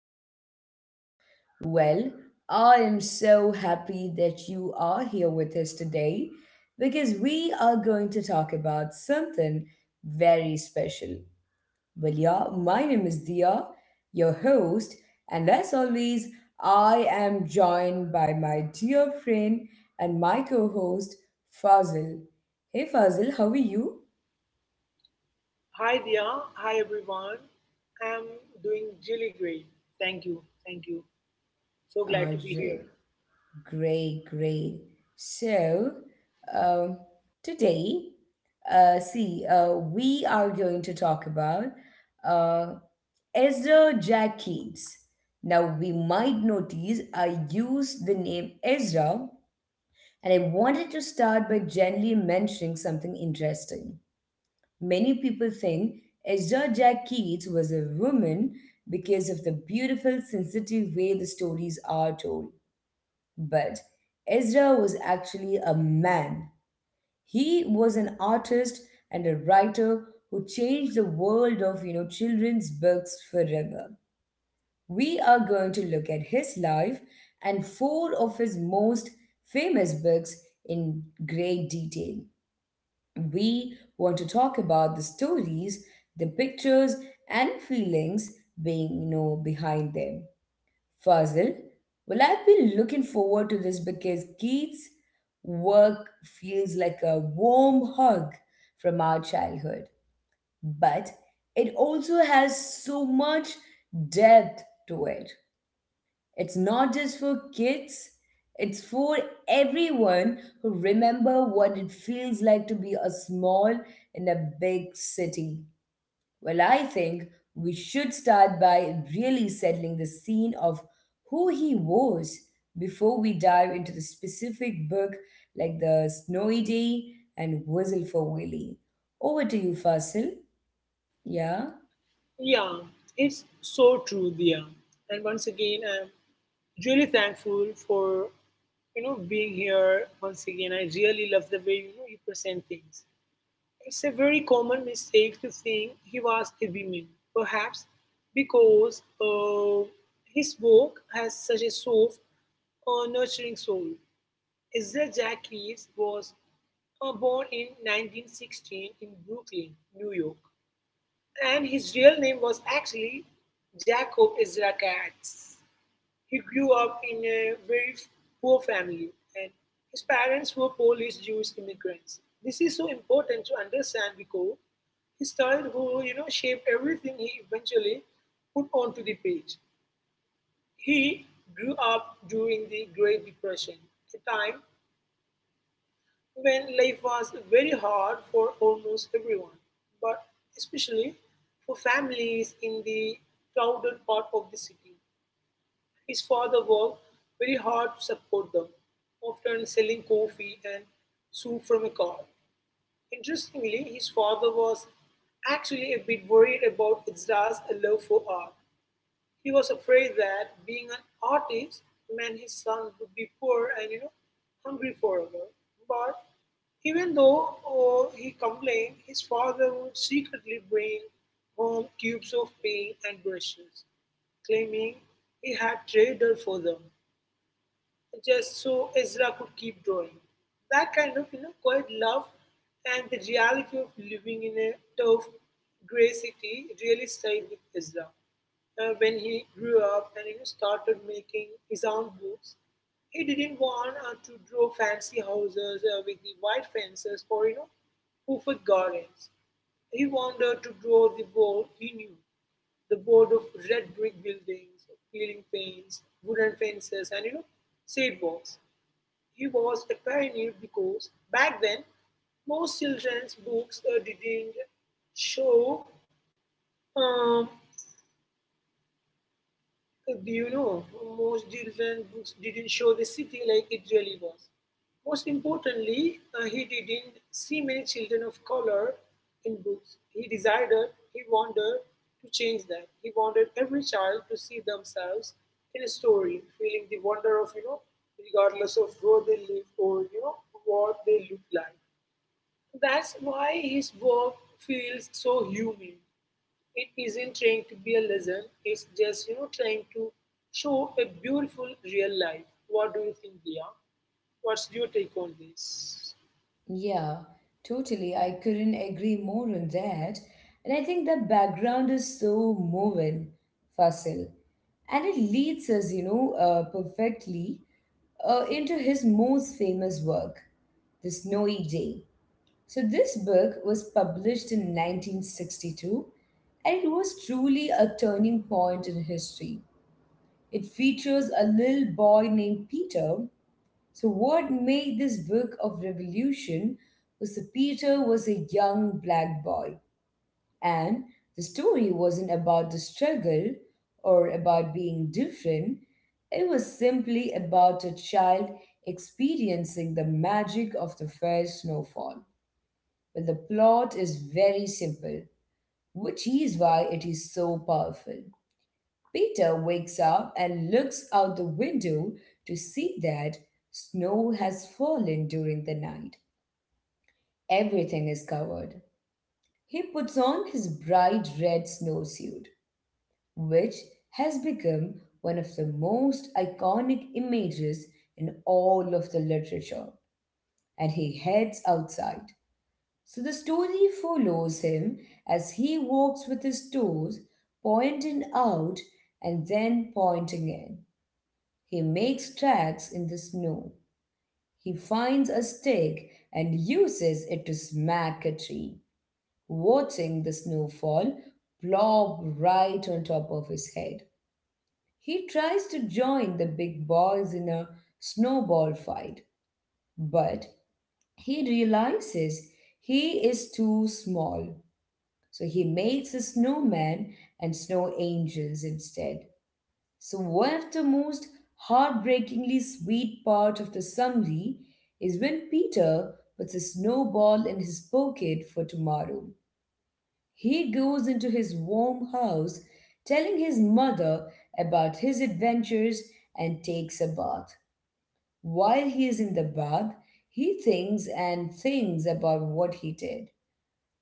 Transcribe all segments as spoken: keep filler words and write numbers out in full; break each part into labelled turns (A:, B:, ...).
A: to our podcast. Well, I am so happy that you are here with us today because we are going to talk about something very special. Well, yeah, my name is Dia, your host, and as always, I am joined by my dear friend and my co host, Fazil. Hey, Fazil, how are you?
B: Hi Dia, hi everyone. I'm doing really great. Thank you, thank you. So
A: All
B: glad to be here.
A: right. Great, great. So, um, Today, uh, see, uh, we are going to talk about uh, Ezra Jack Keats. Now, we might notice I used the name Ezra, and I wanted to start by gently mentioning something interesting. Many people think Ezra Jack Keats was a woman because of the beautiful, sensitive way the stories are told. But Ezra was actually a man. He was an artist and a writer who changed the world of you know children's books forever. We are going to look at his life and four of his most famous books in great detail. We want to talk about the stories, the pictures and feelings being you know behind them. Fazil, well, I've been looking forward to this because Keith's work feels like a warm hug from our childhood, but it also has so much depth to it. It's not just for kids, it's for everyone who remember what it feels like to be a small in a big city. Well, I think we should start by really settling the scene of who he was before we dive into the specific book like The Snowy Day and Whistle for Willie. Over to you, Fasil. Yeah?
B: Yeah, it's so true, Dia. And once again, I'm really thankful for you know being here once again. I really love the way you know you present things. It's a very common mistake to think he was a woman, perhaps because uh, his work has such a soft, uh, nurturing soul. Ezra Jack Reeves was uh, born in nineteen sixteen in Brooklyn, New York, and his real name was actually Jacob Ezra Katz. He grew up in a very poor family, and his parents were Polish Jewish immigrants. This is so important to understand because his childhood, you know, shaped everything he eventually put onto the page. He grew up during the Great Depression, a time when life was very hard for almost everyone, but especially for families in the crowded part of the city. His father worked very hard to support them, often selling coffee and soup from a car. Interestingly, his father was actually a bit worried about Ezra's love for art. He was afraid that being an artist meant his sons would be poor and you know hungry forever. But even though oh, he complained, his father would secretly bring home tubes of paint and brushes, claiming he had traded for them just so Ezra could keep drawing. That kind of you know quiet love and the reality of living in a tough grey city really stayed with Ezra. Uh, when he grew up and you know, started making his own books, he didn't want uh, to draw fancy houses uh, with the white fences or you know hoofed gardens. He wanted to draw the world he knew, the board of red brick buildings, peeling paints, wooden fences, and you know, sidewalks. He was a pioneer because back then most children's books uh, didn't show um, Do you know, most children books didn't show the city like it really was. Most importantly, uh, he didn't see many children of color in books. He decided, he wanted to change that. He wanted every child to see themselves in a story, feeling the wonder of, you know, regardless of where they live or, you know, what they look like. That's why his work feels so human. It isn't trying to be a lesson. It's just you know trying to show a beautiful real life. What do you think, Dia? What's your take on this?
A: Yeah, totally. I couldn't agree more on that. And I think the background is so moving, Fasil. And it leads us, you know, uh, perfectly uh, into his most famous work, The Snowy Day. So, this book was published in nineteen sixty-two and it was truly a turning point in history. It features a little boy named Peter. So, what made this book of revolution was that Peter was a young black boy, and the story wasn't about the struggle or about being different. It was simply about a child experiencing the magic of the first snowfall. Well, the plot is very simple, which is why it is so powerful. Peter wakes up and looks out the window to see that snow has fallen during the night. Everything is covered. He puts on his bright red snowsuit, which has become one of the most iconic images in all of the literature, and he heads outside. So the story follows him as he walks with his toes pointing out and then pointing in. He makes tracks in the snow. He finds a stick and uses it to smack a tree, watching the snowfall plop right on top of his head. He tries to join the big boys in a snowball fight, but he realizes he is too small. So he makes a snowman and snow angels instead. So, one of the most heartbreakingly sweet part of the summary is when Peter puts a snowball in his pocket for tomorrow. He goes into his warm house, telling his mother about his adventures, and takes a bath. While he is in the bath, he thinks and thinks about what he did.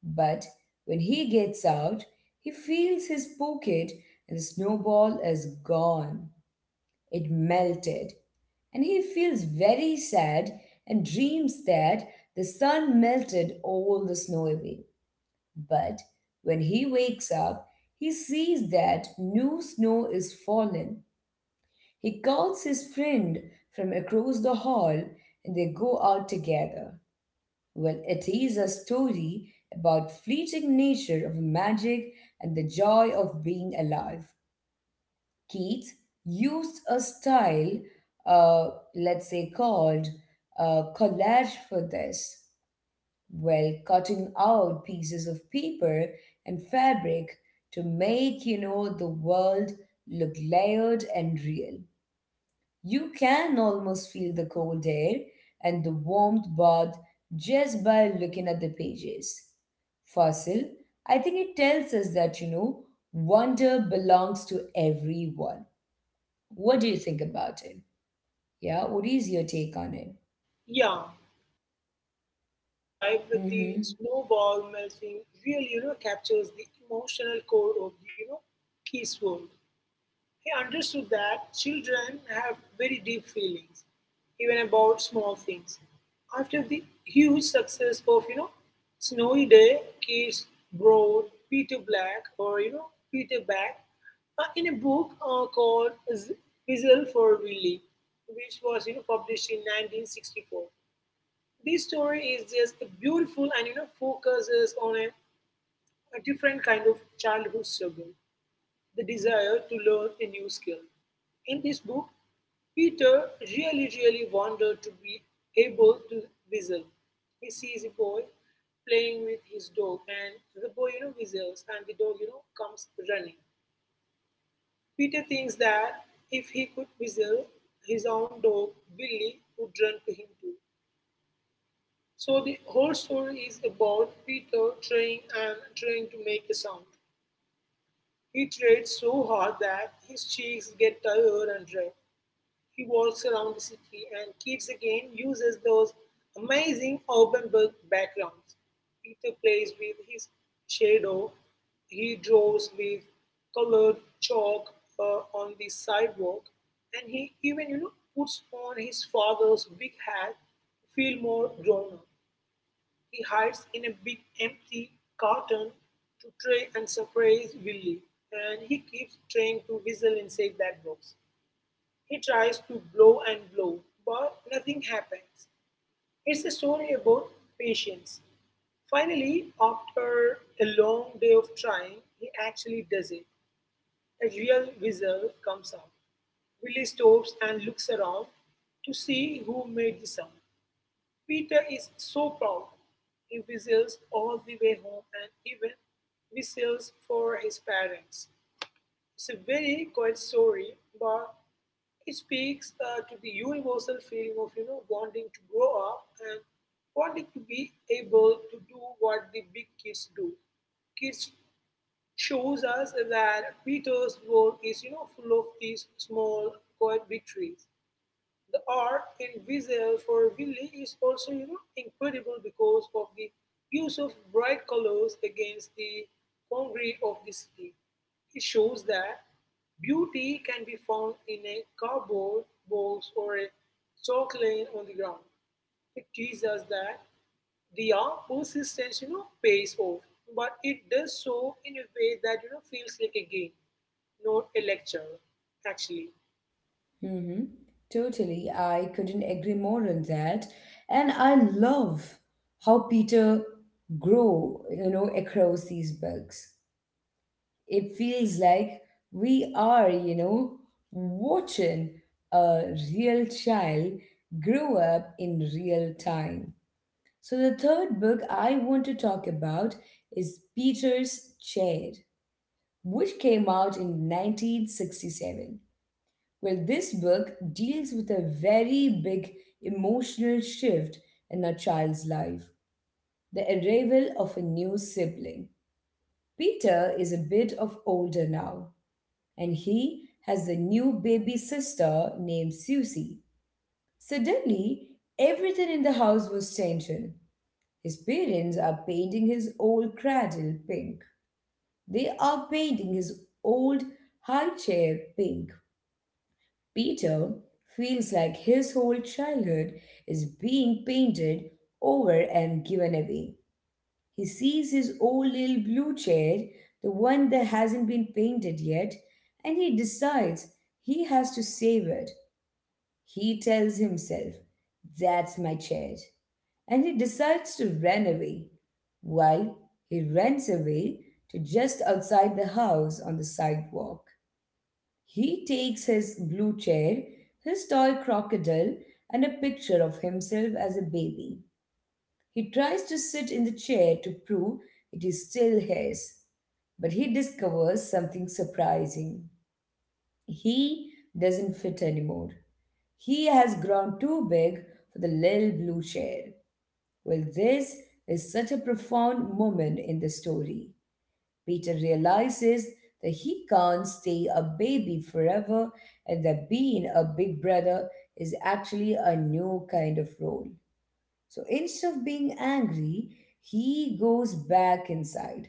A: But when he gets out, he feels his pocket and the snowball is gone. It melted, and he feels very sad and dreams that the sun melted all the snow away. But when he wakes up, he sees that new snow is fallen. He calls his friend from across the hall and they go out together. Well, it is a story about fleeting nature of magic and the joy of being alive. Keats used a style, uh, let's say, called uh, collage for this, while cutting out pieces of paper and fabric to make, you know, the world look layered and real. You can almost feel the cold air and the warmth bath just by looking at the pages. Fossil, I think it tells us that, you know, wonder belongs to everyone. What do you think about it? Yeah, what is your take on it?
B: Yeah, describe the
A: Mm-hmm.
B: snowball melting really you know captures the emotional core of the you know Kiss world. He understood that children have very deep feelings, even about small things. After the huge success of, you know, Snowy Day, Kids Broad, Peter Black, or, you know, Peter Back, uh, in a book uh, called Z- Whistle for Willie, which was, you know, published in nineteen sixty-four. This story is just beautiful and, you know, focuses on a, a different kind of childhood struggle, the desire to learn a new skill. In this book, Peter really, really wanted to be able to whistle. He sees a boy playing with his dog, and the boy, you know, whistles, and the dog, you know, comes running. Peter thinks that if he could whistle, his own dog, Billy, would run to him too. So the whole story is about Peter trying and trying to make a sound. He tried so hard that his cheeks get tired and red. He walks around the city, and keeps again uses those amazing Auburn backgrounds. Peter plays with his shadow, he draws with colored chalk uh, on the sidewalk, and he even you know puts on his father's big hat to feel more grown up. He hides in a big empty carton to try and surprise Willy, and he keeps trying to whistle inside that box. He tries to blow and blow, but nothing happens. It's a story about patience. Finally, after a long day of trying, he actually does it. A real wizard comes out. Willy stops and looks around to see who made the sound. Peter is so proud. He whistles all the way home and even whistles for his parents. It's a very quiet story, but it speaks uh, to the universal feeling of you know wanting to grow up and wanting to be able to do what the big kids do. Kids shows us that Peter's world is you know full of these small quiet victories. The art in Visual for Willy is also you know incredible because of the use of bright colors against the concrete of the city. It shows that beauty can be found in a cardboard box or a chalk line on the ground. It teaches us that the art persistence, you know, pays off, but it does so in a way that you know feels like a game, not a lecture. Actually,
A: Mm-hmm. Totally. I couldn't agree more on that. And I love how Peter grow, you know, across these books. It feels like we are, you know, watching a real child grow up in real time. So the third book I want to talk about is Peter's Chair, which came out in nineteen sixty-seven. Well, this book deals with a very big emotional shift in a child's life, the arrival of a new sibling. Peter is a bit of older now, and he has a new baby sister named Susie. Suddenly, everything in the house was changing. His parents are painting his old cradle pink. They are painting his old high chair pink. Peter feels like his whole childhood is being painted over and given away. He sees his old little blue chair, the one that hasn't been painted yet, and he decides he has to save it. He tells himself, "That's my chair." And he decides to run away. While he runs away to just outside the house on the sidewalk. He takes his blue chair, his toy crocodile, and a picture of himself as a baby. He tries to sit in the chair to prove it is still his, but he discovers something surprising. He doesn't fit anymore. He has grown too big for the little blue chair. Well, this is such a profound moment in the story. Peter realizes that he can't stay a baby forever and that being a big brother is actually a new kind of role. So instead of being angry, he goes back inside.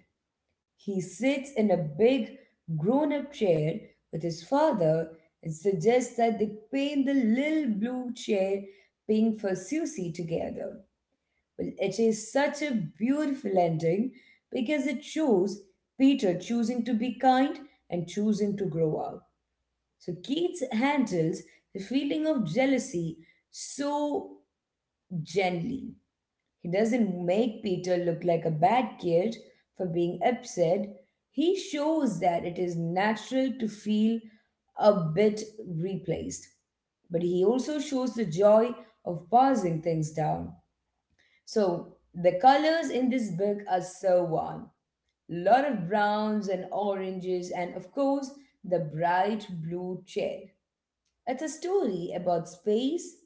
A: He sits in a big grown up chair with his father and suggests that they paint the little blue chair pink for Susie together. Well, it is such a beautiful ending because it shows Peter choosing to be kind and choosing to grow up. So Keats handles the feeling of jealousy so gently. He doesn't make Peter look like a bad kid for being upset. He shows that it is natural to feel a bit replaced, but he also shows the joy of passing things down. So the colors in this book are so warm. Lot of browns and oranges, and of course, the bright blue chair. It's a story about space,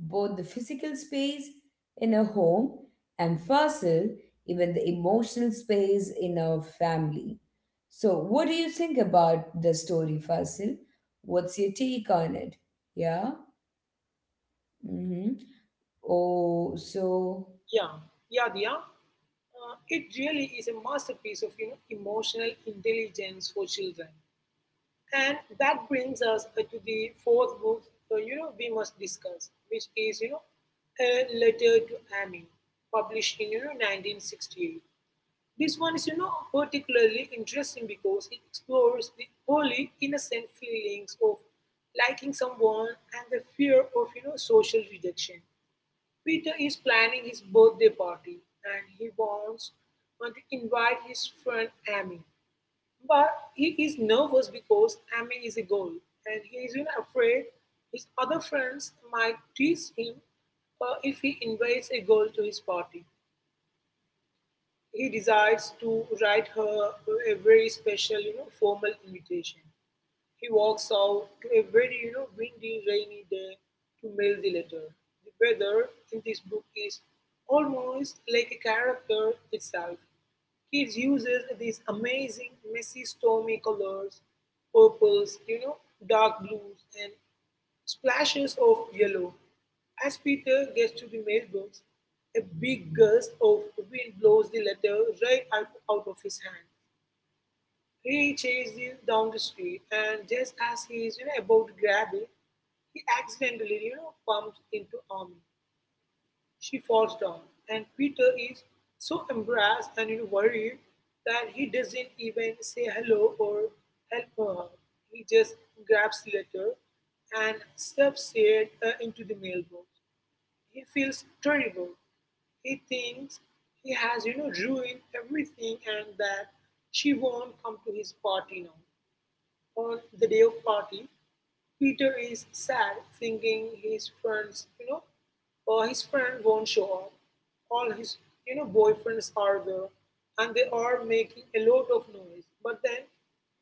A: both the physical space in a home and fossil, even the emotional space in a family. So, what do you think about the story, Fasil? What's your take on it? Yeah? Mm-hmm. Oh, so.
B: yeah, yeah, yeah. Uh, it really is a masterpiece of you know, emotional intelligence for children. And that brings us uh, to the fourth book, uh, you know, we must discuss, which is, you know, a letter to Amy, published in, you know, nineteen sixty-eight. This one is, you know, particularly interesting because it explores the early innocent feelings of liking someone and the fear of, you know, social rejection. Peter is planning his birthday party and he wants uh, to invite his friend Amy. But he is nervous because Amy is a girl and he is even afraid his other friends might tease him uh, if he invites a girl to his party. He decides to write her a very special, you know, formal invitation. He walks out to a very you know windy, rainy day to mail the letter. The weather in this book is almost like a character itself. Keats uses these amazing messy stormy colors, purples, you know, dark blues, and splashes of yellow. As Peter gets to the mailbox, a big gust of wind blows the letter right out, out of his hand. He chases you down the street, and just as he is you know, about to grab it, he accidentally you know, bumps into Army. She falls down, and Peter is so embarrassed and you know, worried that he doesn't even say hello or help her. He just grabs the letter and stuffs it uh, into the mailbox. He feels terrible. He thinks he has, you know, ruined everything and that she won't come to his party now. On the day of party, Peter is sad thinking his friends, you know, or his friend won't show up. All his, you know, boyfriends are there and they are making a lot of noise. But then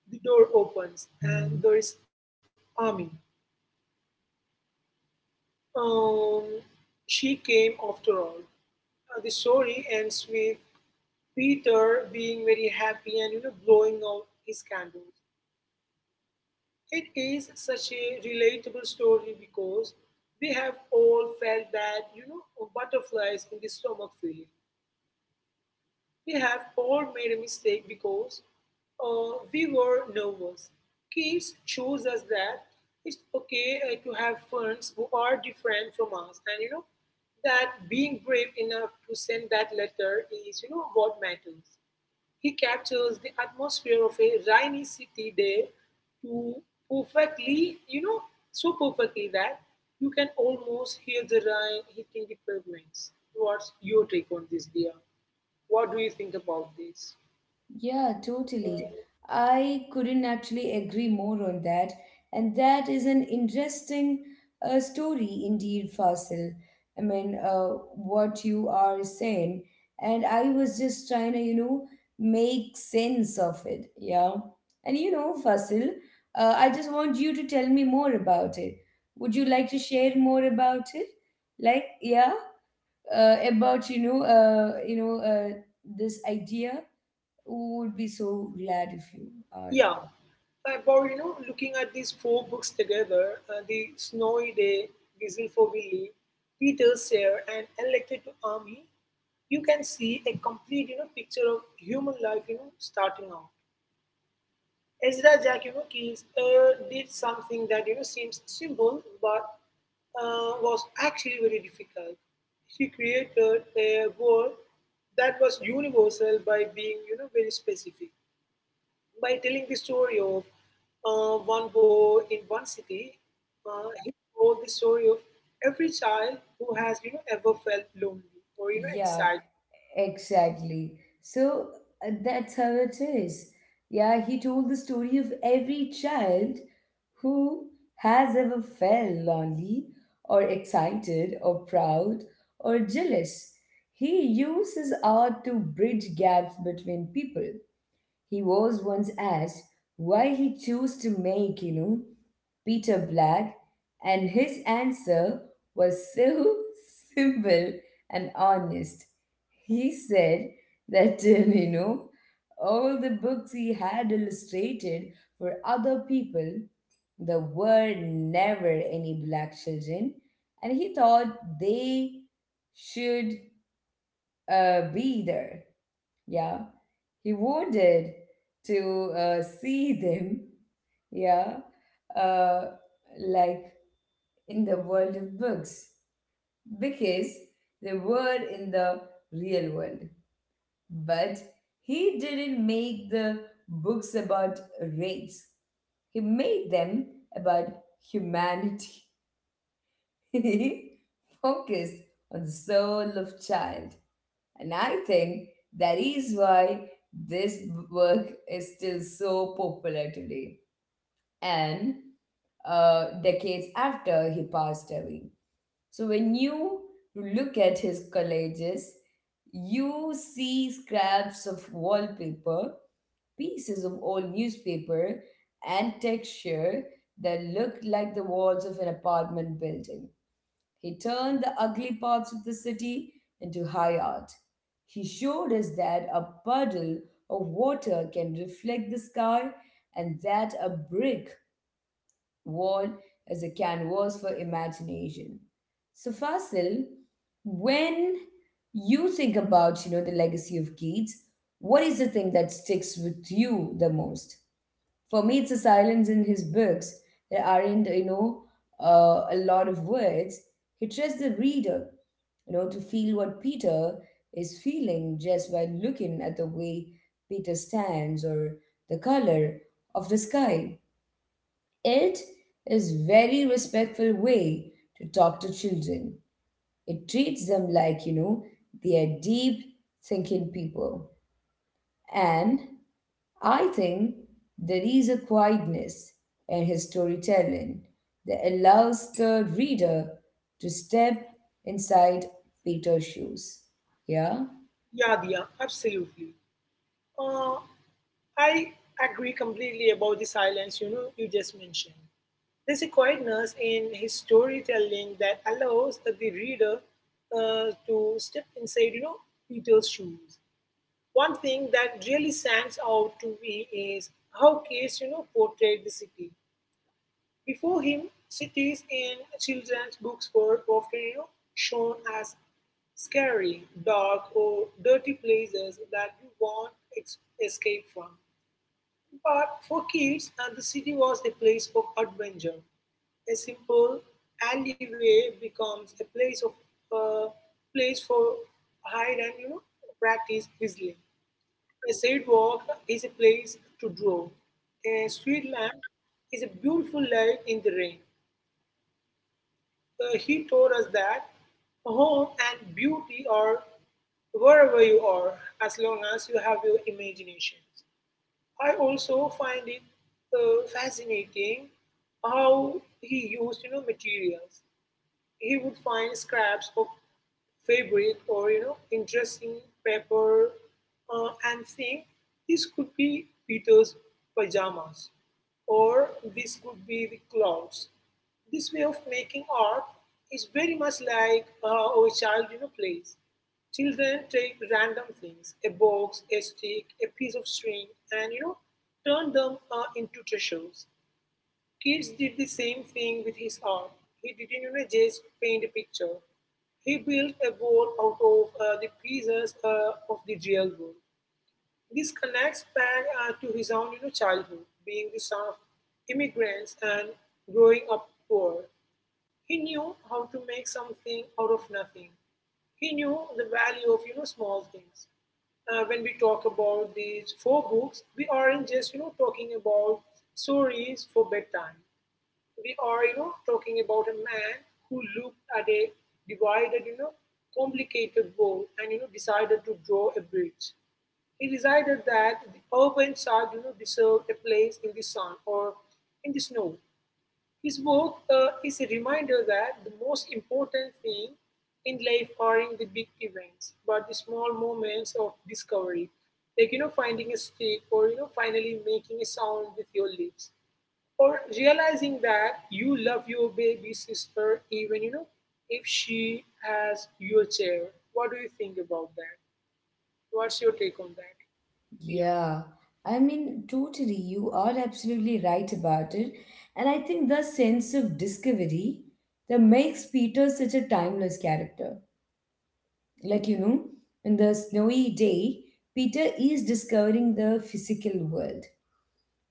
B: the door opens and there is Ami. Um, she came after all. Uh, the story ends with Peter being very happy and, you know, blowing out his candles. It is such a relatable story because we have all felt that, you know, butterflies in the stomach feeling. We have all made a mistake because uh, we were nervous. Kids shows us that it's okay uh, to have friends who are different from us. And, you know, that being brave enough to send that letter is, you know, what matters. He captures the atmosphere of a rainy city day to perfectly, you know, so perfectly that you can almost hear the rain hitting the pavements. What's your take on this, dear? What do you think about this?
A: Yeah, totally. I couldn't actually agree more on that. And that is an interesting uh, story indeed, Fasil. I mean, uh, what you are saying. And I was just trying to, you know, make sense of it. Yeah. And you know, Fasil, uh, I just want you to tell me more about it. Would you like to share more about it? Like, yeah, uh, about, you know, uh, you know, uh, this idea would be so glad if you are.
B: Yeah, about you know looking at these four books together, uh, the snowy day, whistle for Willie, Peter Sayre, and elected to army, you can see a complete you know picture of human life you know starting out. Ezra Jakimakis uh, did something that you know seems simple but uh, was actually very difficult. He created a world that was universal by being you know very specific, by telling the story of uh, one boy in one city. Uh, he told the story of every child who has you know ever felt lonely or you know
A: Yeah,
B: excited.
A: exactly. So uh, that's how it is. Yeah, he told the story of every child who has ever felt lonely or excited or proud or jealous. He uses art to bridge gaps between people. He was once asked why he chose to make, you know, Peter black, and his answer was so simple and honest. He said that, you know, all the books he had illustrated for other people, there were never any black children, and he thought they should uh, be there. Yeah, he wanted to uh, see them. Yeah, uh, like in the world of books because they were in the real world. But he didn't make the books about race, he made them about humanity. He focused on the soul of child. And I think that is why this work is still so popular today. And uh, decades after he passed away. So when you look at his collages, you see scraps of wallpaper, pieces of old newspaper, and texture that look like the walls of an apartment building. He turned the ugly parts of the city into high art. He showed us that a puddle of water can reflect the sky and that a brick wall is a canvas for imagination. So Fasil, when you think about, you know, the legacy of Keats, what is the thing that sticks with you the most? For me, it's the silence in his books. There aren't you know uh, a lot of words. He trusts the reader, you know to feel what Peter is feeling just by looking at the way Peter stands or the color of the sky. It is very respectful way to talk to children. It treats them like, you know they are deep thinking people. And I think there is a quietness in his storytelling that allows the reader to step inside Peter's shoes. Yeah?
B: Yeah, yeah, absolutely. Uh, I agree completely about the silence, you know, you just mentioned. There's a quietness in his storytelling that allows the reader uh, to step inside, you know, Peter's shoes. One thing that really stands out to me is how Case, you know, portrayed the city. Before him, cities in children's books were often, you know, shown as scary, dark, or dirty places that you want to escape from. But for kids, uh, the city was a place of adventure. A simple alleyway becomes a place of uh, place for hide and you know practice whistling. A sidewalk is a place to draw. A street lamp is a beautiful light in the rain. Uh, he taught us that home and beauty are wherever you are, as long as you have your imagination. I also find it uh, fascinating how he used you know materials. He would find scraps of fabric or you know interesting paper uh, and think this could be Peter's pajamas or this could be the clouds. This way of making art is very much like uh, how a child you know plays. Children take random things, a box, a stick, a piece of string, and you know turn them uh, into treasures. Keats did the same thing with his art. He didn't you know, just paint a picture. He built a world out of uh, the pieces uh, of the real world. This connects back uh, to his own you know, childhood, being the son of immigrants and growing up poor. He knew how to make something out of nothing. He knew the value of you know small things. Uh, when we talk about these four books, we aren't just you know talking about stories for bedtime. We are you know talking about a man who looked at a divided, you know complicated world and you know decided to draw a bridge. He decided that the urban child you know deserved a place in the sun or in the snow. His work uh, is a reminder that the most important thing in life are in the big events but the small moments of discovery, like you know finding a stick or you know finally making a sound with your lips or realizing that you love your baby sister, even you know if she has your chair. What do you think about that? What's your take on that, Dia?
A: Yeah. I mean, totally, you are absolutely right about it. And I think the sense of discovery that makes Peter such a timeless character. Like, you know, in the snowy day, Peter is discovering the physical world.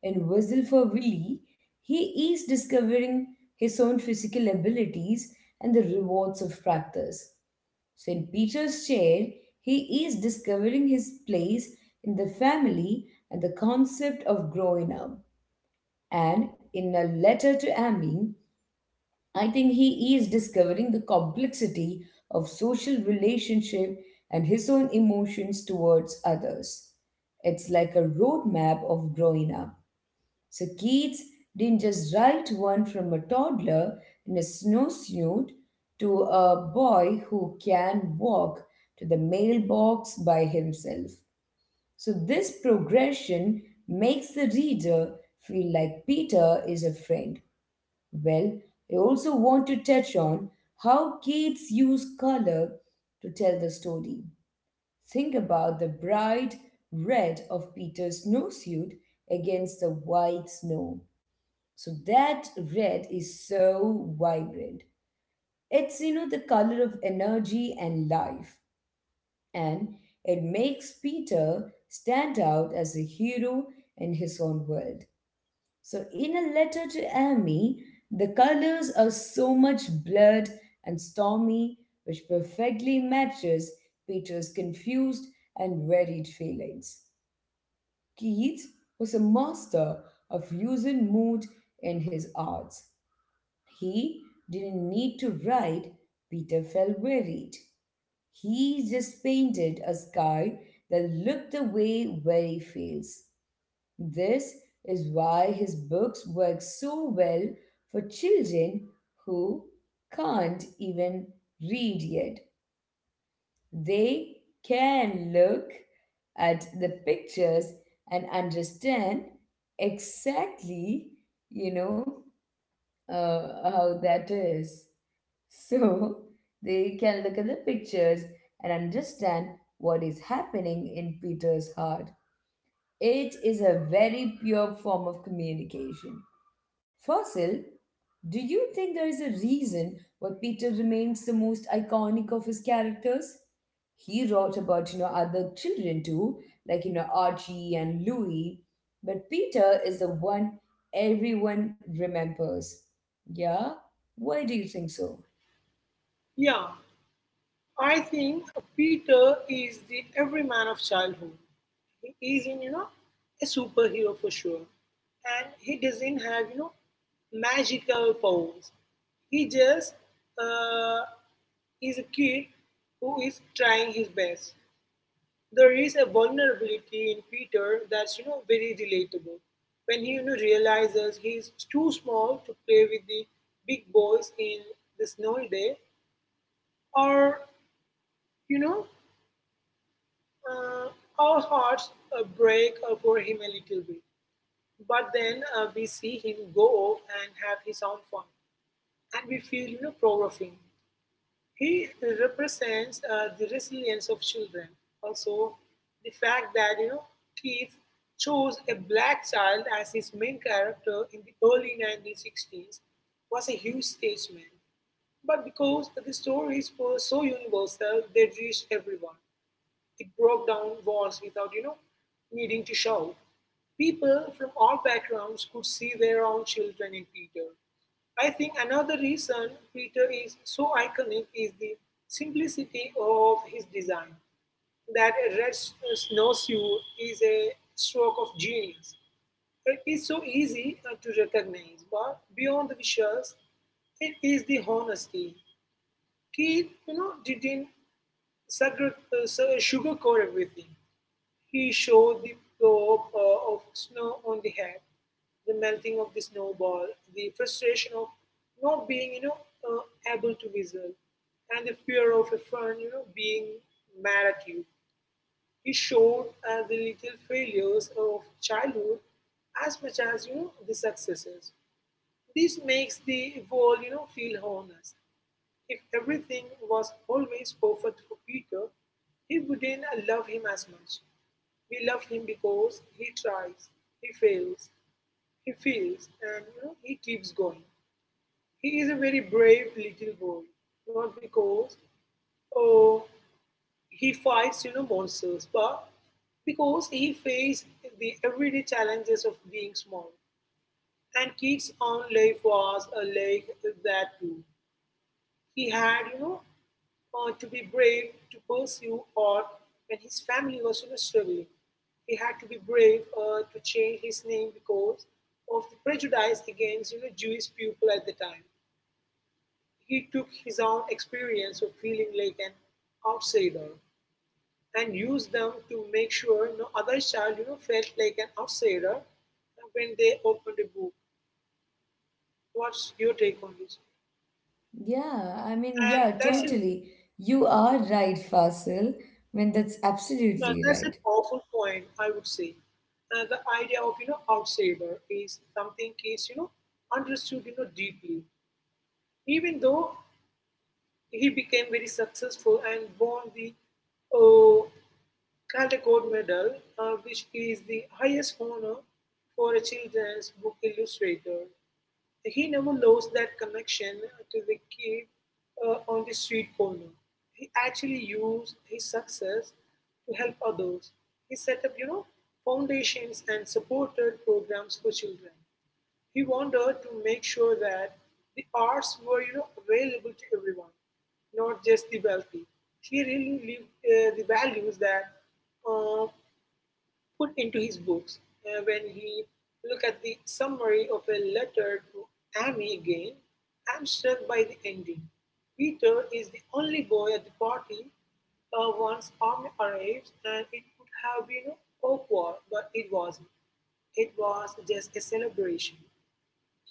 A: In Whistle for Willie, he is discovering his own physical abilities and the rewards of practice. So in Peter's chair, he is discovering his place in the family and the concept of growing up. And in a letter to Amy, I think he is discovering the complexity of social relationship and his own emotions towards others. It's like a roadmap of growing up. So Keats didn't just write one from a toddler in a snowsuit to a boy who can walk to the mailbox by himself. So this progression makes the reader feel like Peter is a friend. Well, I also want to touch on how Keats used color to tell the story. Think about the bright red of Peter's snowsuit against the white snow. So that red is so vibrant. It's, you know, the color of energy and life. And it makes Peter stand out as a hero in his own world. So, in a letter to Amy, the colors are so much blurred and stormy, which perfectly matches Peter's confused and varied feelings. Keats was a master of using mood in his art. He didn't need to ride, Peter felt worried. He just painted a sky that looked the way where he feels. This is why his books work so well for children who can't even read yet. They can look at the pictures and understand exactly, you know, uh, how that is. So they can look at the pictures and understand what is happening in Peter's heart. It is a very pure form of communication. Fossil, do you think there is a reason why Peter remains the most iconic of his characters? He wrote about, you know, other children too, like, you know, Archie and Louis, but Peter is the one everyone remembers. Yeah? Why do you think so?
B: Yeah, i think peter is the everyman of childhood. He is in you know a superhero for sure, and he doesn't have you know magical powers. He just uh, is a kid who is trying his best. There is a vulnerability in Peter that's you know very relatable. When he you know realizes he's too small to play with the big boys in the snowy day, or you know, uh, our hearts uh, break uh, for him a little bit. But then uh, we see him go off and have his own fun, and we feel you know proud of him. He represents uh, the resilience of children. Also, the fact that you know Keith chose a black child as his main character in the early nineteen sixties was a huge statement. But because the stories were so universal, they reached everyone. It broke down walls without, you know, needing to shout. People from all backgrounds could see their own children in Peter. I think another reason Peter is so iconic is the simplicity of his design. That a red s- uh, snowsuit is a stroke of genius. It is so easy uh, to recognize, but beyond the visuals, it is the honesty. Keith, you know, didn't uh, sugarcoat everything. He showed the probe uh, of snow on the head, the melting of the snowball, the frustration of not being, you know, uh, able to whistle, and the fear of a friend, you know, being mad at you. He showed uh, the little failures of childhood as much as you know the successes. This makes the world, you know, feel honest. If everything was always perfect for Peter, he wouldn't love him as much. We love him because he tries, he fails, he feels, and you know he keeps going. He is a very brave little boy, not because, oh, he fights you know monsters, but because he faced the everyday challenges of being small. And kids on life was a lake that too. He had, you know, uh, to be brave to pursue art when his family was you know, struggling. He had to be brave uh, to change his name because of the prejudice against you know, Jewish people at the time. He took his own experience of feeling like an outsider and used them to make sure no other child you know, felt like an outsider when they opened a book. What's your take on this?
A: Yeah, I mean,
B: And
A: yeah,
B: that's a
A: totally. You are right, Fasil. I mean, that's
B: Yeah, that's
A: absolutely
B: a
A: right.
B: powerful point, I would say. Uh, the idea of you know outsider is something is you know understood you know deeply. Even though he became very successful and won the uh, Calder Gold Medal, uh, which is the highest honor for a children's book illustrator. He never lost that connection to the kid uh, on the street corner. He actually used his success to help others. He set up, you know, foundations and supported programs for children. He wanted to make sure that the arts were, you know, available to everyone, not just the wealthy. He really lived uh, the values that uh, put into his books. Uh, When he look at the summary of a letter to Amy again, I am struck by the ending. Peter is the only boy at the party uh, once Amy arrives, and it would have been awkward, but it wasn't. It was just a celebration.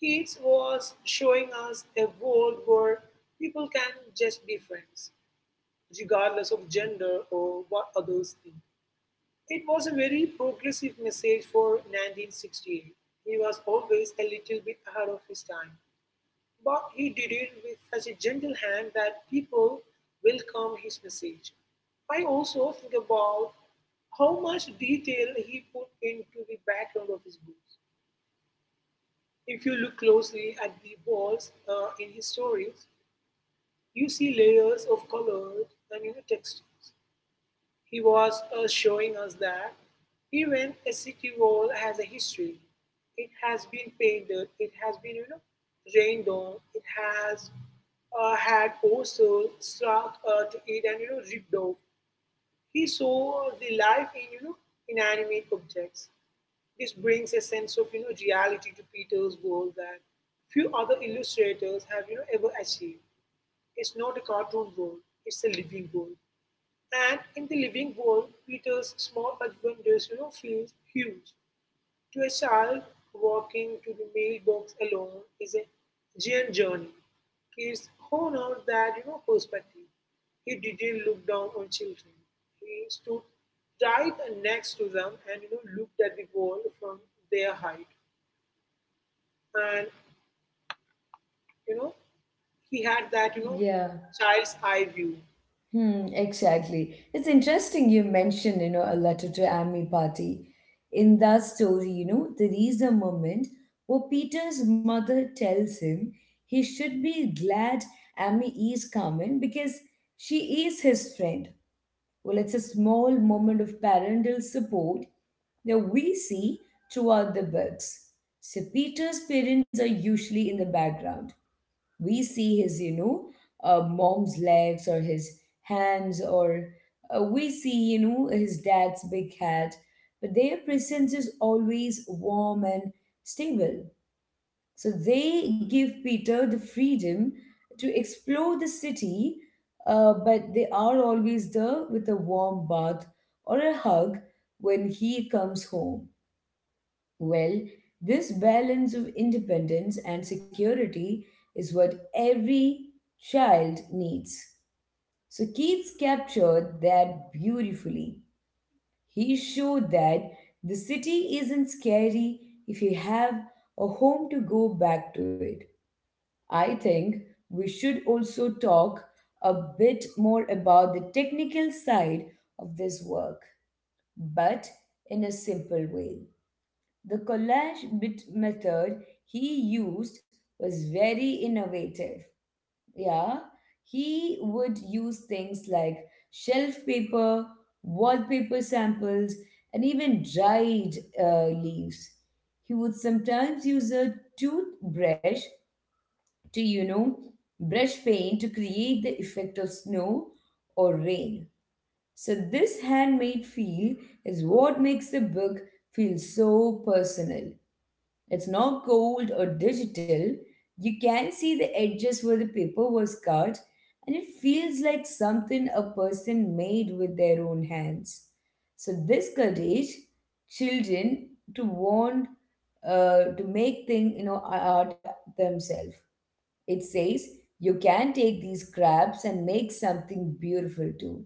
B: Keats was showing us a world where people can just be friends, regardless of gender or what others think. It was a very progressive message for nineteen sixty-eight. He was always a little bit ahead of his time, but he did it with such a gentle hand that people welcomed his message. I also think about how much detail he put into the background of his books. If you look closely at the walls uh, in his stories, you see layers of colors and you know, textures. He was uh, showing us that even a city wall has a history. It has been painted, it has been, you know, rained on, it has uh, had also struck uh, to it and, you know, ripped off. He saw the life in, you know, inanimate objects. This brings a sense of, you know, reality to Peter's world that few other illustrators have, you know, ever achieved. It's not a cartoon world, it's a living world. And in the living world, Peter's small adventures, you know, feels huge. To a child, walking to the mailbox alone is a giant journey. Kids honor that, you know, perspective. He didn't look down on children. He stood right next to them and, you know, looked at the world from their height. And, you know, he had that, you know,
A: Yeah,
B: child's eye view.
A: hmm, exactly. It's interesting you mentioned, you know, a letter to Ami Party. In that story, you know, there is a moment where Peter's mother tells him he should be glad Ami is coming because she is his friend. Well, it's a small moment of parental support that we see throughout the books. So Peter's parents are usually in the background. We see his, you know, uh, mom's legs or his hands, or uh, we see, you know, his dad's big hat. But their presence is always warm and stable. So they give Peter the freedom to explore the city, uh, but they are always there with a warm bath or a hug when he comes home. Well, this balance of independence and security is what every child needs. So Keats captured that beautifully. He showed that the city isn't scary if you have a home to go back to it. I think we should also talk a bit more about the technical side of this work, but in a simple way. The collage bit method he used was very innovative. Yeah, he would use things like shelf paper, wallpaper samples, and even dried uh, leaves. He would sometimes use a toothbrush to, you know, brush paint to create the effect of snow or rain. So this handmade feel is what makes the book feel so personal. It's not cold or digital. You can see the edges where the paper was cut, and it feels like something a person made with their own hands. So this courage children to want uh, to make thing, you know, art themselves. It says you can take these crabs and make something beautiful too.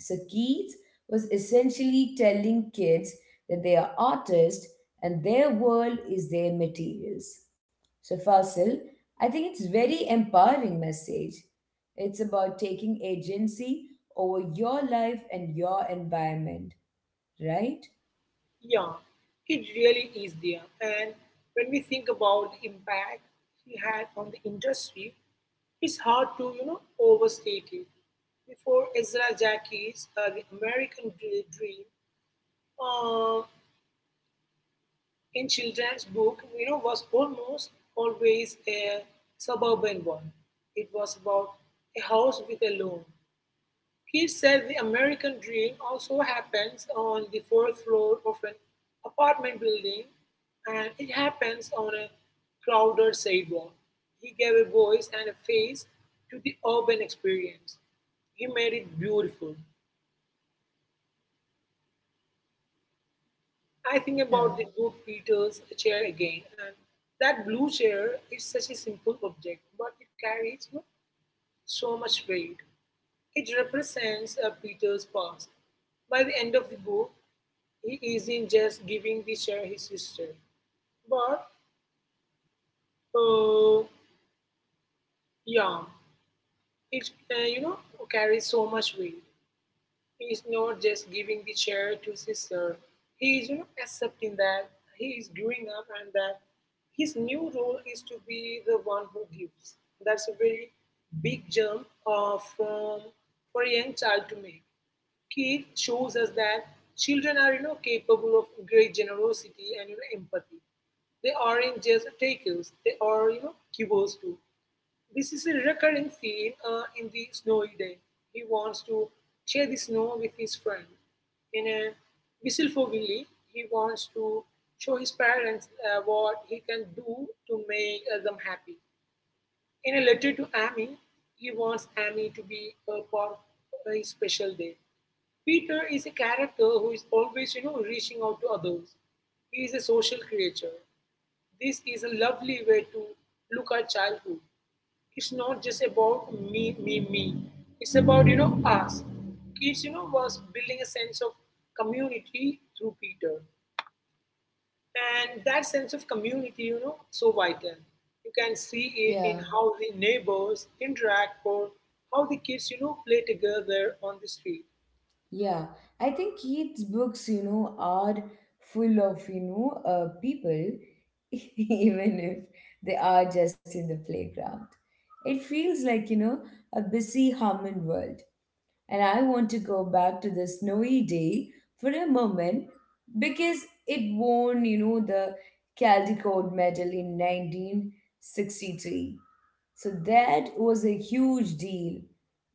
A: So Keats was essentially telling kids that they are artists and their world is their materials. So Fasil, I think it's very empowering message. It's about taking agency over your life and your environment, right?
B: Yeah, it really is there. And when we think about the impact he had on the industry, it's hard to, you know, overstate it. Before Ezra Jackie's uh, The American Dr- Dream uh, in children's book, you know, was almost always a suburban one. It was about a house with a lawn. He said the American dream also happens on the fourth floor of an apartment building and it happens on a crowded sidewalk. He gave a voice and a face to the urban experience. He made it beautiful. I think
A: Yeah,
B: about the Blue Peter's chair again, and that blue chair is such a simple object, but it carries you know, so much weight. It represents uh, Peter's past. By the end of the book, he isn't just giving the chair his sister, but uh, yeah, it uh, you know carries so much weight. He is not just giving the chair to his sister. He is you know accepting that he is growing up and that his new role is to be the one who gives. That's a very big jump uh, from for a young child to make. Keith shows us that children are, you know, capable of great generosity and you know, empathy. They aren't just takers; they are, you know, givers too. This is a recurring theme uh, in the snowy day. He wants to share the snow with his friend. In a whistle for Willie, he wants to show his parents uh, what he can do to make uh, them happy. In a letter to Amy, he wants Amy to be a part of his special day. Peter is a character who is always, you know, reaching out to others. He is a social creature. This is a lovely way to look at childhood. It's not just about me, me, me. It's about, you know, us. Kids, you know, was building a sense of community through Peter. And that sense of community, you know, so vital. You can see it in
A: yeah.
B: how the neighbors interact or how the kids, you know, play together on the street.
A: Yeah, I think kids' books, you know, are full of, you know, uh, people, even if they are just in the playground. It feels like, you know, a busy, humming world. And I want to go back to the snowy day for a moment because it won, you know, the Caldecott Medal in nineteen sixty-three. So that was a huge deal.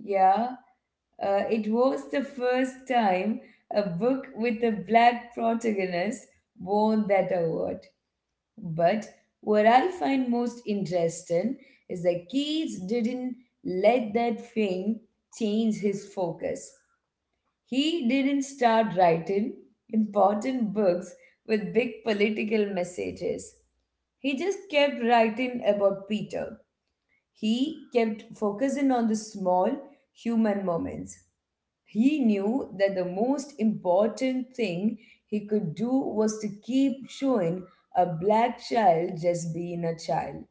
A: Yeah, uh, it was the first time a book with a black protagonist won that award. But what I find most interesting is that Keats didn't let that fame change his focus. He didn't start writing important books with big political messages. He just kept writing about Peter. He kept focusing on the small human moments. He knew that the most important thing he could do was to keep showing a black child just being a child.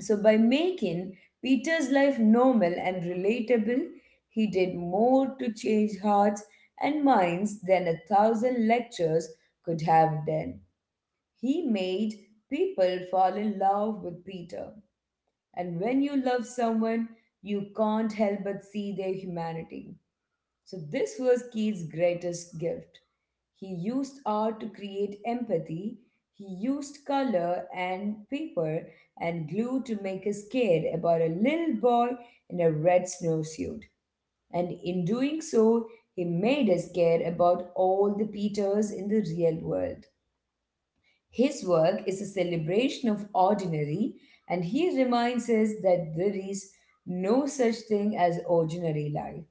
A: So, by making Peter's life normal and relatable, he did more to change hearts and minds than a thousand lectures could have done. He made people fall in love with Peter. And when you love someone, you can't help but see their humanity. So, this was Keats' greatest gift. He used art to create empathy, he used color and paper and glue to make us care about a little boy in a red snowsuit. And in doing so, he made us care about all the Peters in the real world. His work is a celebration of ordinary, and he reminds us that there is no such thing as ordinary life.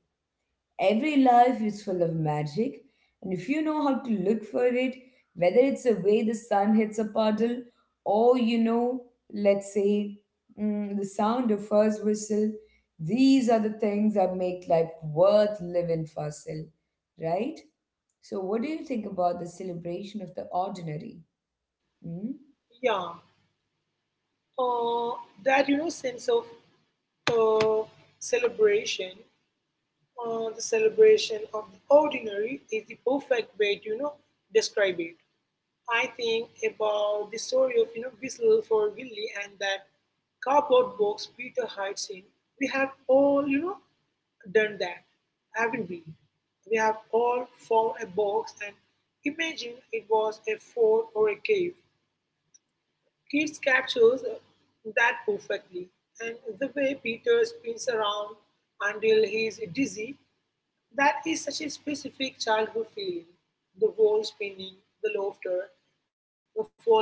A: Every life is full of magic, and if you know how to look for it, whether it's the way the sun hits a puddle, or you know, let's say, mm, the sound of first whistle, these are the things that make life worth living for, Sil, right? So, what do you think about the celebration of the ordinary? Hmm?
B: Yeah, uh, that you know sense of uh, celebration, uh, the celebration of the ordinary is the perfect way to you know describe it. I think about the story of you know whistle for willie, and that cardboard box peter hides in. We have all you know done that, haven't we? We have all found a box and imagine it was a fort or a cave. Keats captures that perfectly, and the way Peter spins around until he's dizzy, that is such a specific childhood feeling. The wall spinning, the laughter, the falling down,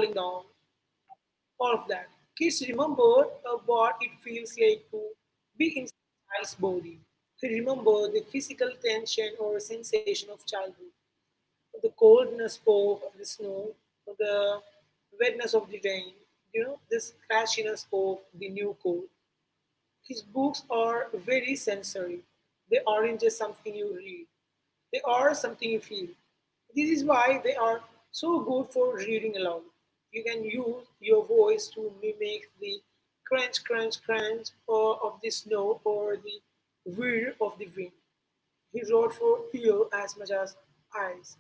B: all of that. Kids remember uh, what it feels like to be in a child's body. They remember the physical tension or sensation of childhood. The coldness of the snow, the wetness of the rain, you know, this crashiness of the new coat. His books are very sensory. They aren't just something you read, they are something you feel. This is why they are so good for reading aloud. You can use your voice to mimic the crunch, crunch, crunch or of the snow or the whir of the wind. He wrote for ear as much as eyes.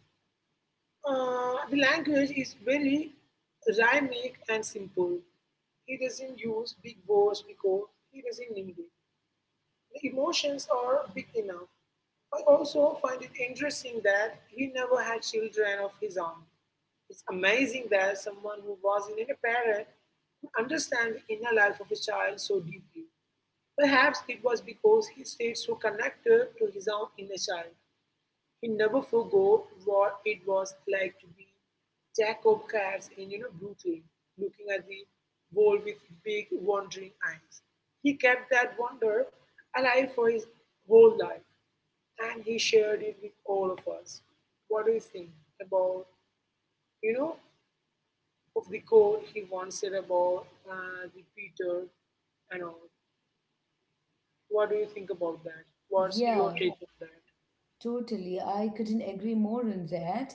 B: Uh, the language is very rhythmic and simple. He doesn't use big words because he doesn't need it. The emotions are big enough. I also find it interesting that he never had children of his own. It's amazing that someone who wasn't a parent could understand the inner life of a child so deeply. Perhaps it was because he stayed so connected to his own inner child. He never forgot what it was like to be Jacob Katz in you know, Brooklyn, looking at the world with big, wondering eyes. He kept that wonder alive for his whole life, and he shared it with all of us. What do you think about, you know, of the quote he once said about uh, the Peter and all? What do you think about that? What's your
A: Yeah,
B: take on that?
A: totally. I couldn't agree more on that.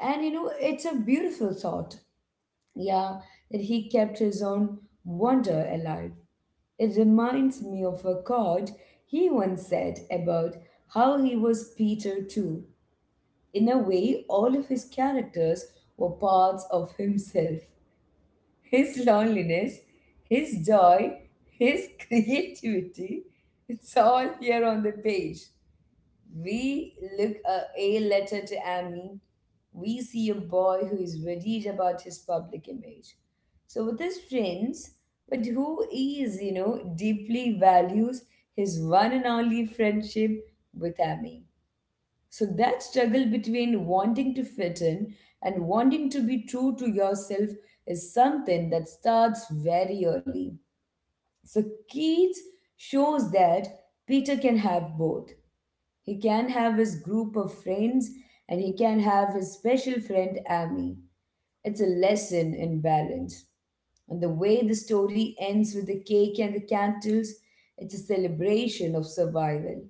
A: And you know, it's a beautiful thought. Yeah, that he kept his own wonder alive. It reminds me of a quote he once said about how he was Peter too. In a way, all of his characters were parts of himself. His loneliness, his joy, his creativity, it's all here on the page. We look a, a letter to Amy. We see a boy who is worried about his public image. So with his friends, but who is, you know, deeply values his one and only friendship with Amy. So that struggle between wanting to fit in and wanting to be true to yourself is something that starts very early. So Keats shows that Peter can have both. He can have his group of friends and he can have his special friend Amy. It's a lesson in balance. And the way the story ends with the cake and the candles, it's a celebration of survival.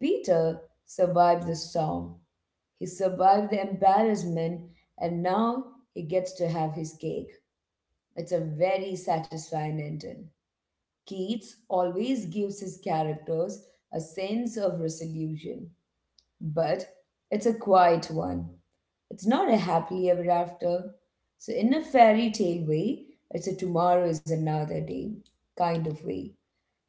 A: Peter survived the storm, he survived the embarrassment, and now he gets to have his cake. It's a very satisfying ending. Keats always gives his characters a sense of resolution, but it's a quiet one. It's not a happily ever after. So, in a fairy tale way, it's a tomorrow is another day kind of way.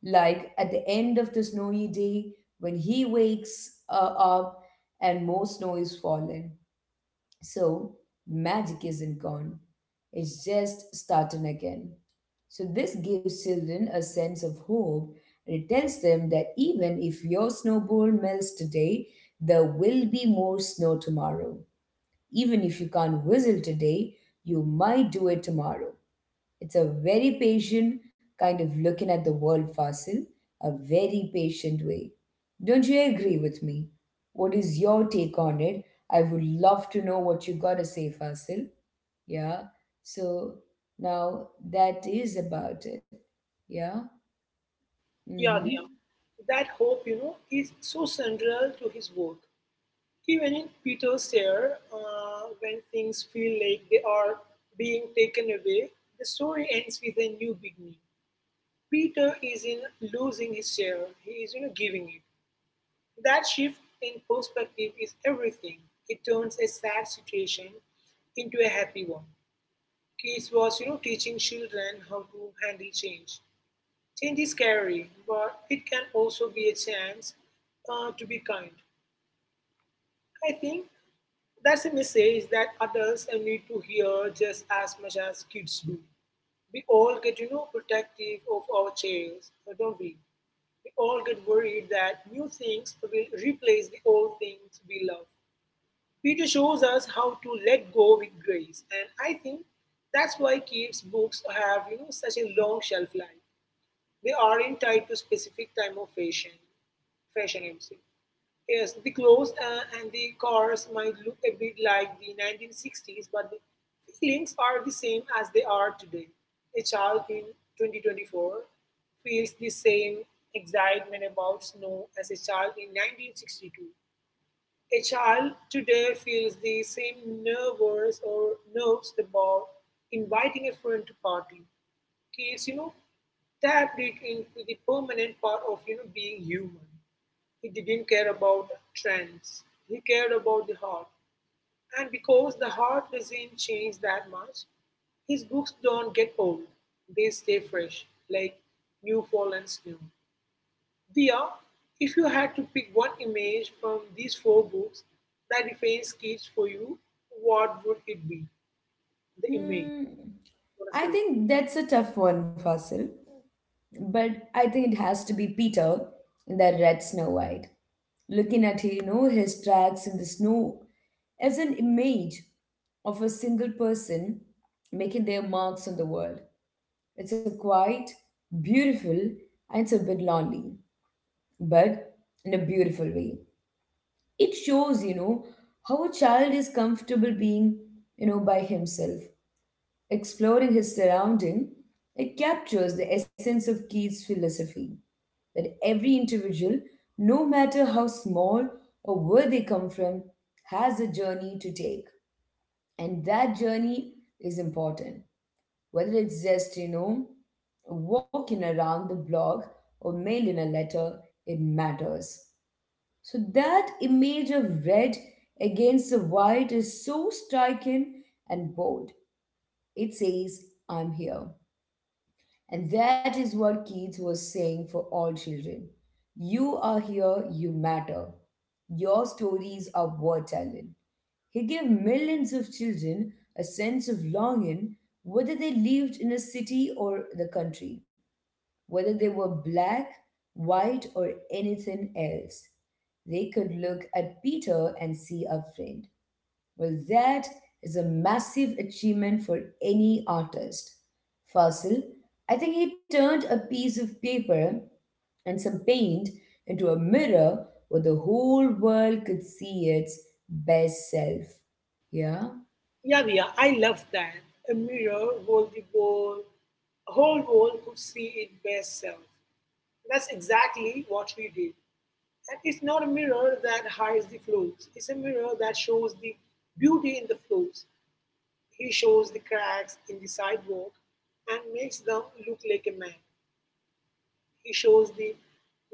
A: Like at the end of the snowy day, when he wakes uh, up and more snow is falling. So magic isn't gone, it's just starting again. So this gives children a sense of hope, and it tells them that even if your snowball melts today, there will be more snow tomorrow. Even if you can't whistle today, you might do it tomorrow. It's a very patient kind of looking at the world, Fasil, a very patient way. Don't you agree with me? What is your take on it? I would love to know what you gotta say, Fasil. Yeah. So now that is about it. Yeah. Mm-hmm.
B: Yadnya. That hope, you know, is so central to his work. Even in Peter's Sayre, uh, when things feel like they are being taken away, the story ends with a new beginning. Peter is in losing his share, he is, you know, giving it. That shift in perspective is everything. It turns a sad situation into a happy one. Keats was, you know, teaching children how to handle change. Change is scary, but it can also be a chance uh, to be kind. I think that's a message that adults uh, need to hear just as much as kids do. We all get, you know, protective of our chairs, uh, don't we? We all get worried that new things will replace the old things we love. Peter shows us how to let go with grace, and I think that's why kids' books have, you know, such a long shelf life they aren't tied to specific time of fashion. Fashion, I would say. Yes, the clothes uh, and the cars might look a bit like the nineteen sixties, but the feelings are the same as they are today. A child in twenty twenty-four feels the same excitement about snow as a child in nineteen sixty-two. A child today feels the same nervous or nerves about inviting a friend to party. He's, you know, tapped it into the permanent part of, you know, being human. He didn't care about trends. He cared about the heart. And because the heart doesn't change that much, his books don't get old. They stay fresh, like new fallen snow. Dia, if you had to pick one image from these four books that defines kids for you, what would it be? The image.
A: Hmm.
B: What is
A: I
B: the
A: think that's a tough one, Fasil. But I think it has to be Peter that read Snow White, looking at, you know, his tracks in the snow as an image of a single person making their marks on the world. It's a quite beautiful, and it's a bit lonely, but in a beautiful way. It shows, you know, how a child is comfortable being, you know, by himself, exploring his surrounding. It captures the essence of Keats philosophy that every individual, no matter how small or where they come from, has a journey to take. And that journey is important. Whether it's just, you know, walking around the block or mailing a letter, it matters. So that image of red against the white is so striking and bold. It says, I'm here. And that is what Keats was saying for all children. You are here, you matter. Your stories are worth telling. He gave millions of children a sense of longing, whether they lived in a city or the country, whether they were black, white, or anything else. They could look at Peter and see a friend. Well, that is a massive achievement for any artist. Fossil, I think he turned a piece of paper and some paint into a mirror where the whole world could see its best self. Yeah?
B: yeah, Via, I love that. A mirror hold the world, whole world could see its best self. That's exactly what we did. And it's not a mirror that hides the flaws. It's a mirror that shows the beauty in the flaws. He shows the cracks in the sidewalk and makes them look like a man. He shows the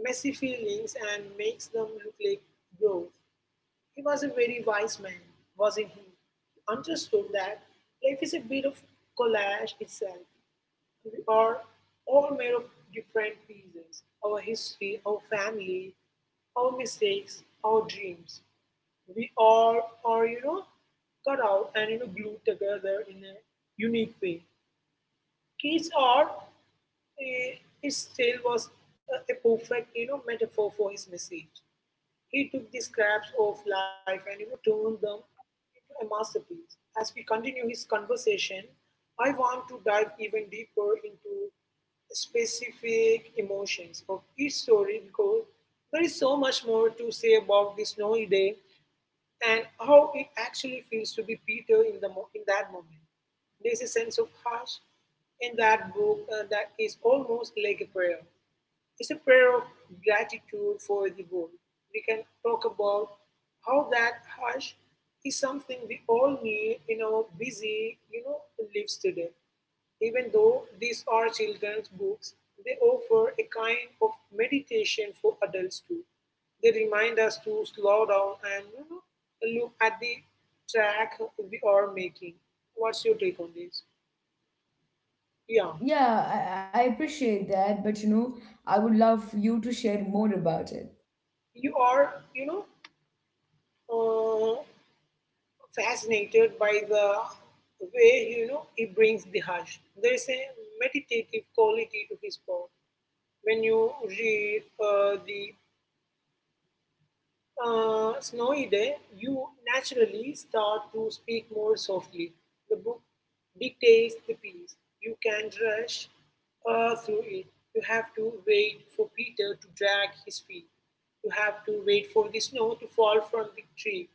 B: messy feelings and makes them look like growth. He was a very wise man, wasn't he? He understood that life is a bit of collage itself. We are all made of different pieces our history, our family, our mistakes, our dreams. We all are, you know, cut out and, you know, glued together in a unique way. Kids are, eh, it still was a a perfect, you know, metaphor for his message. He took the scraps of life and you know, turned them into a masterpiece. As we continue his conversation, I want to dive even deeper into specific emotions of each story because there is so much more to say about this snowy day and how it actually feels to be Peter in the mo- in that moment. There's a sense of hush in that book uh, that is almost like a prayer. It's a prayer of gratitude for the goal. We can talk about how that hush is something we all need in our busy, you know, lives today. Even though these are children's books, they offer a kind of meditation for adults too. They remind us to slow down and you know, look at the track we are making. What's your take on this? Yeah,
A: Yeah, I, I appreciate that, but you know, I would love you to share more about it.
B: you are, you know, uh, fascinated by the way you know he brings the hush. There is a meditative quality to his poem. When you read uh, the uh, Snowy Day, you naturally start to speak more softly. The book dictates the piece. You can't rush uh, through it. You have to wait for Peter to drag his feet. You have to wait for the snow to fall from the tree.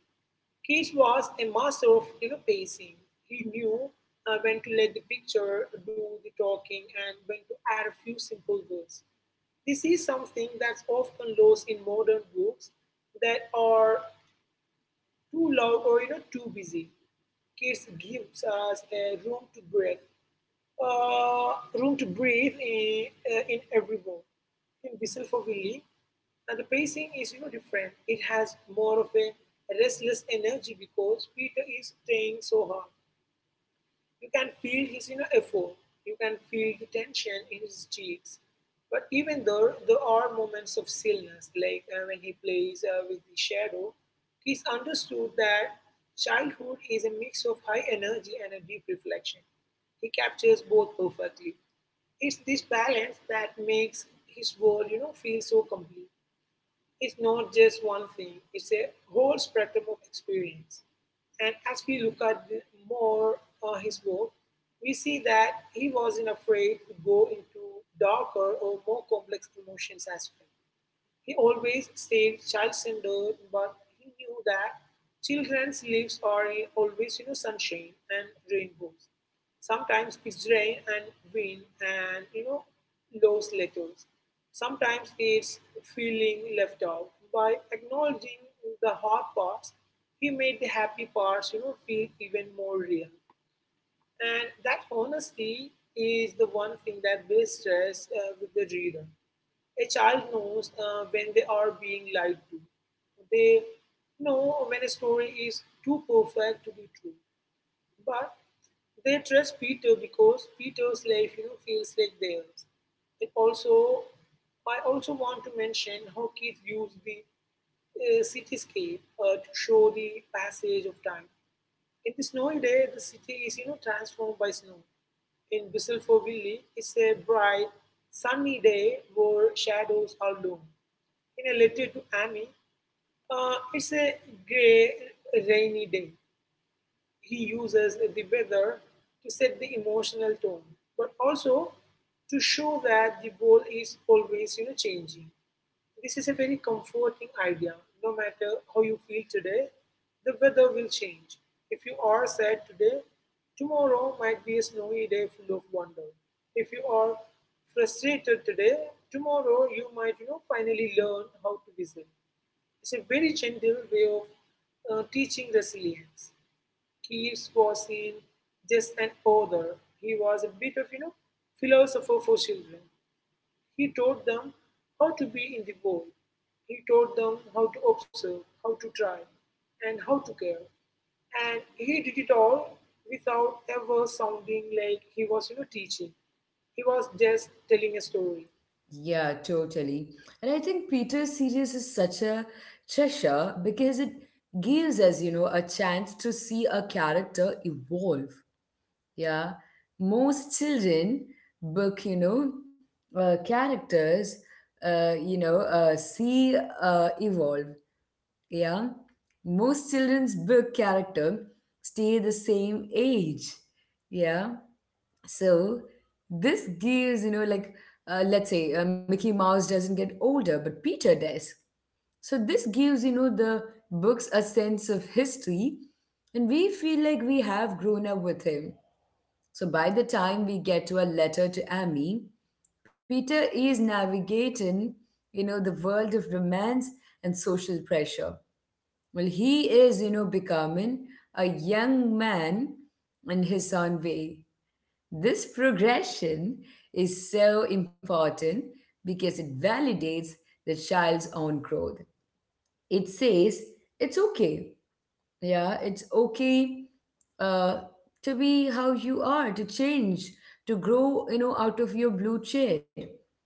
B: Keats was a master of you know, pacing. He knew uh, when to let the picture do the talking and when to add a few simple words. This is something that's often lost in modern books that are too loud or you know too busy. Keats gives us a room to breathe uh, room to breathe in, uh, in every bone. In Whistle for Willie, and the pacing is you know different. It has more of a restless energy because Peter is staying so hard. You can feel his you know, effort, you can feel the tension in his cheeks. But even though there are moments of stillness, like uh, when he plays uh, with the shadow, he's understood that childhood is a mix of high energy and a deep reflection. He captures both perfectly. It's this balance that makes his world, you know, feel so complete. It's not just one thing, it's a whole spectrum of experience. And as we look at the, more uh, his work, we see that he wasn't afraid to go into darker or more complex emotions as well. He always said child centered, but he knew that children's lives are always you know, sunshine and rainbows. Sometimes it's rain and wind and you know lost letters. Sometimes it's feeling left out. By acknowledging the hard parts, he made the happy parts you know feel even more real. And that honesty is the one thing that builds trust uh, with the reader. A child knows uh, when they are being lied to. They know when a story is too perfect to be true. But they trust Peter because Peter's life, you know, feels like theirs. It also, I also want to mention how kids use the uh, cityscape uh, to show the passage of time in the snowy day, the city is you know transformed by snow. In Whistle for Willie, it's a bright, sunny day where shadows are loom. In a letter to Amy, uh, it's a grey, rainy day he uses the weather to set the emotional tone, but also to show that the world is always you know changing. This is a very comforting idea. No matter how you feel today, the weather will change. If you are sad today, tomorrow might be a snowy day full of wonder. If you are frustrated today, tomorrow you might you know finally learn how to whistle. It's a very gentle way of uh, teaching resilience. Keats was seen just an author. He was a bit of you know philosopher for children. He taught them how to be in the world. He taught them how to observe, how to try, and how to care. And he did it all without ever sounding like he was you know teaching. He was just telling a story.
A: Yeah, totally. And I think Peter's series is such a treasure because it gives us, you know, a chance to see a character evolve. Yeah. Most children book, you know, uh, characters, uh, you know, uh, see uh, evolve. Yeah. Most children's book character stay the same age. Yeah, so this gives you know like, uh, let's say uh, Mickey Mouse doesn't get older, but Peter does. So this gives you know the books a sense of history, and we feel like we have grown up with him. So by the time we get to A Letter to Amy, Peter is navigating you know the world of romance and social pressure. Well, he is you know becoming a young man in his own way. This progression is so important because it validates the child's own growth. It says it's okay. Yeah, it's okay, uh, to be how you are, to change, to grow, you know, out of your blue chair.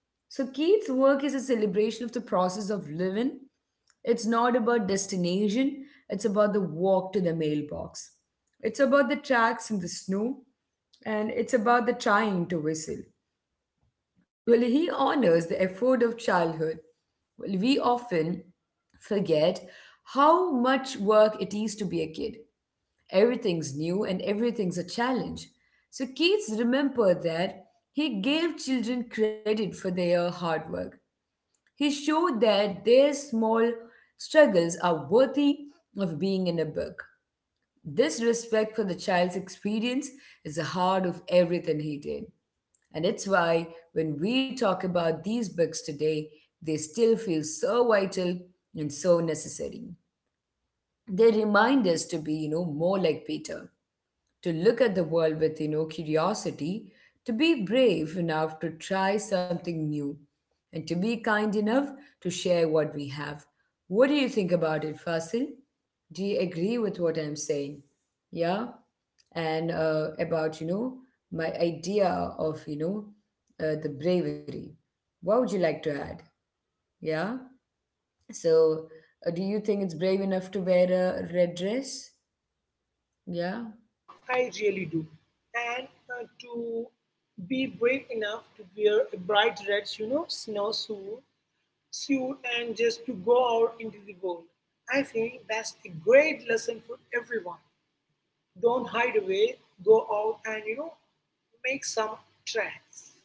A: So Keith's work is a celebration of the process of living. It's not about destination, it's about the walk to the mailbox. It's about the tracks in the snow, and it's about the trying to whistle. Well, he honors the effort of childhood. Well, we often forget how much work it is to be a kid. Everything's new and everything's a challenge. So, Keats remembered that he gave children credit for their hard work. He showed that their small struggles are worthy of being in a book. This respect for the child's experience is the heart of everything he did. And it's why when we talk about these books today, they still feel so vital and so necessary. They remind us to be, you know, more like Peter, to look at the world with you know curiosity, to be brave enough to try something new, and to be kind enough to share what we have. What do you think about it, Fasil? Do you agree with what I'm saying? Yeah. And uh, about you know my idea of you know, uh, the bravery, what would you like to add? Yeah. So, uh, do you think it's brave enough to wear a red dress? Yeah.
B: I really do. And uh, to be brave enough to wear a bright red, you know, snow suit suit and just to go out into the world. I think that's a great lesson for everyone. Don't hide away, go out and you know, make some tracks.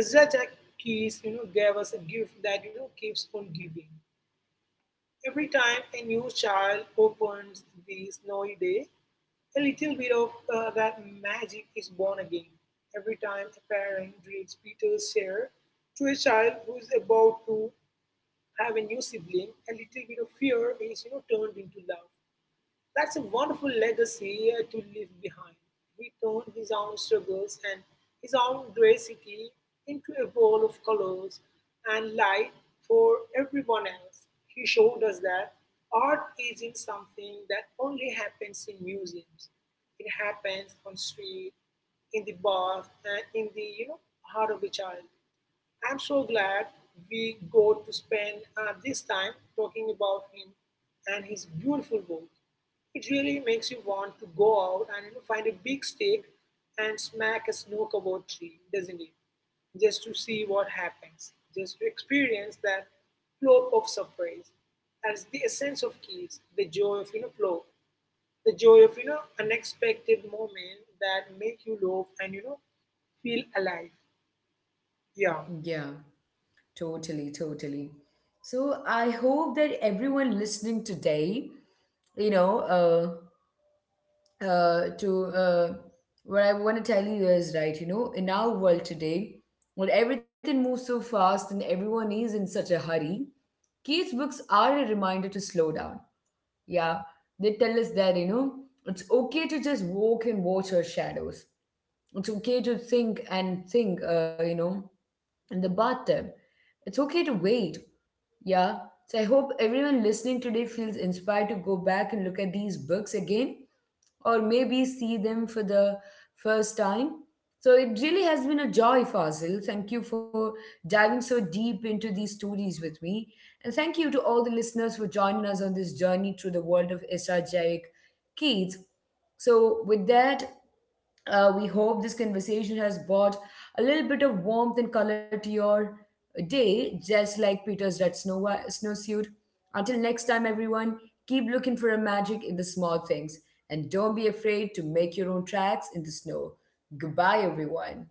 B: Ezra Jack Keys, you know, gave us a gift that you know keeps on giving. Every time a new child opens the snowy day, a little bit of uh, that magic is born again. Every time a parent reads Peter's share to a child who is about to have a new sibling, a little bit of fear is you know turned into love. That's a wonderful legacy uh, to leave behind. He turned his own struggles and his own gray into a ball of colors and light for everyone else. He showed us that art isn't something that only happens in museums. It happens on street, in the bath, and in the you know heart of a child. I'm so glad we got to spend uh, this time talking about him and his beautiful work. It really makes you want to go out and you know, find a big stick and smack a snook about tree, doesn't it? Just to see what happens, just to experience that flow of surprise. That's the essence of keys, the joy of you know flow, the joy of you know unexpected moment that make you laugh and you know feel alive. Yeah.
A: Yeah, totally, totally. So I hope that everyone listening today, you know, uh, uh, to uh, what I want to tell you is right. You know, in our world today, when everything moves so fast and everyone is in such a hurry, kids' books are a reminder to slow down. Yeah, they tell us that you know it's okay to just walk and watch our shadows. It's okay to think and think. Uh, you know, in the bathtub, it's okay to wait. Yeah, so I hope everyone listening today feels inspired to go back and look at these books again, or maybe see them for the first time. So it really has been a joy, Fazil. Thank you for diving so deep into these stories with me. And thank you to all the listeners for joining us on this journey through the world of estrogenic kids. So, with that, uh, we hope this conversation has brought a little bit of warmth and color to your day, just like Peter's red snow snowsuit. Until next time, everyone, keep looking for a magic in the small things, and don't be afraid to make your own tracks in the snow. Goodbye, everyone.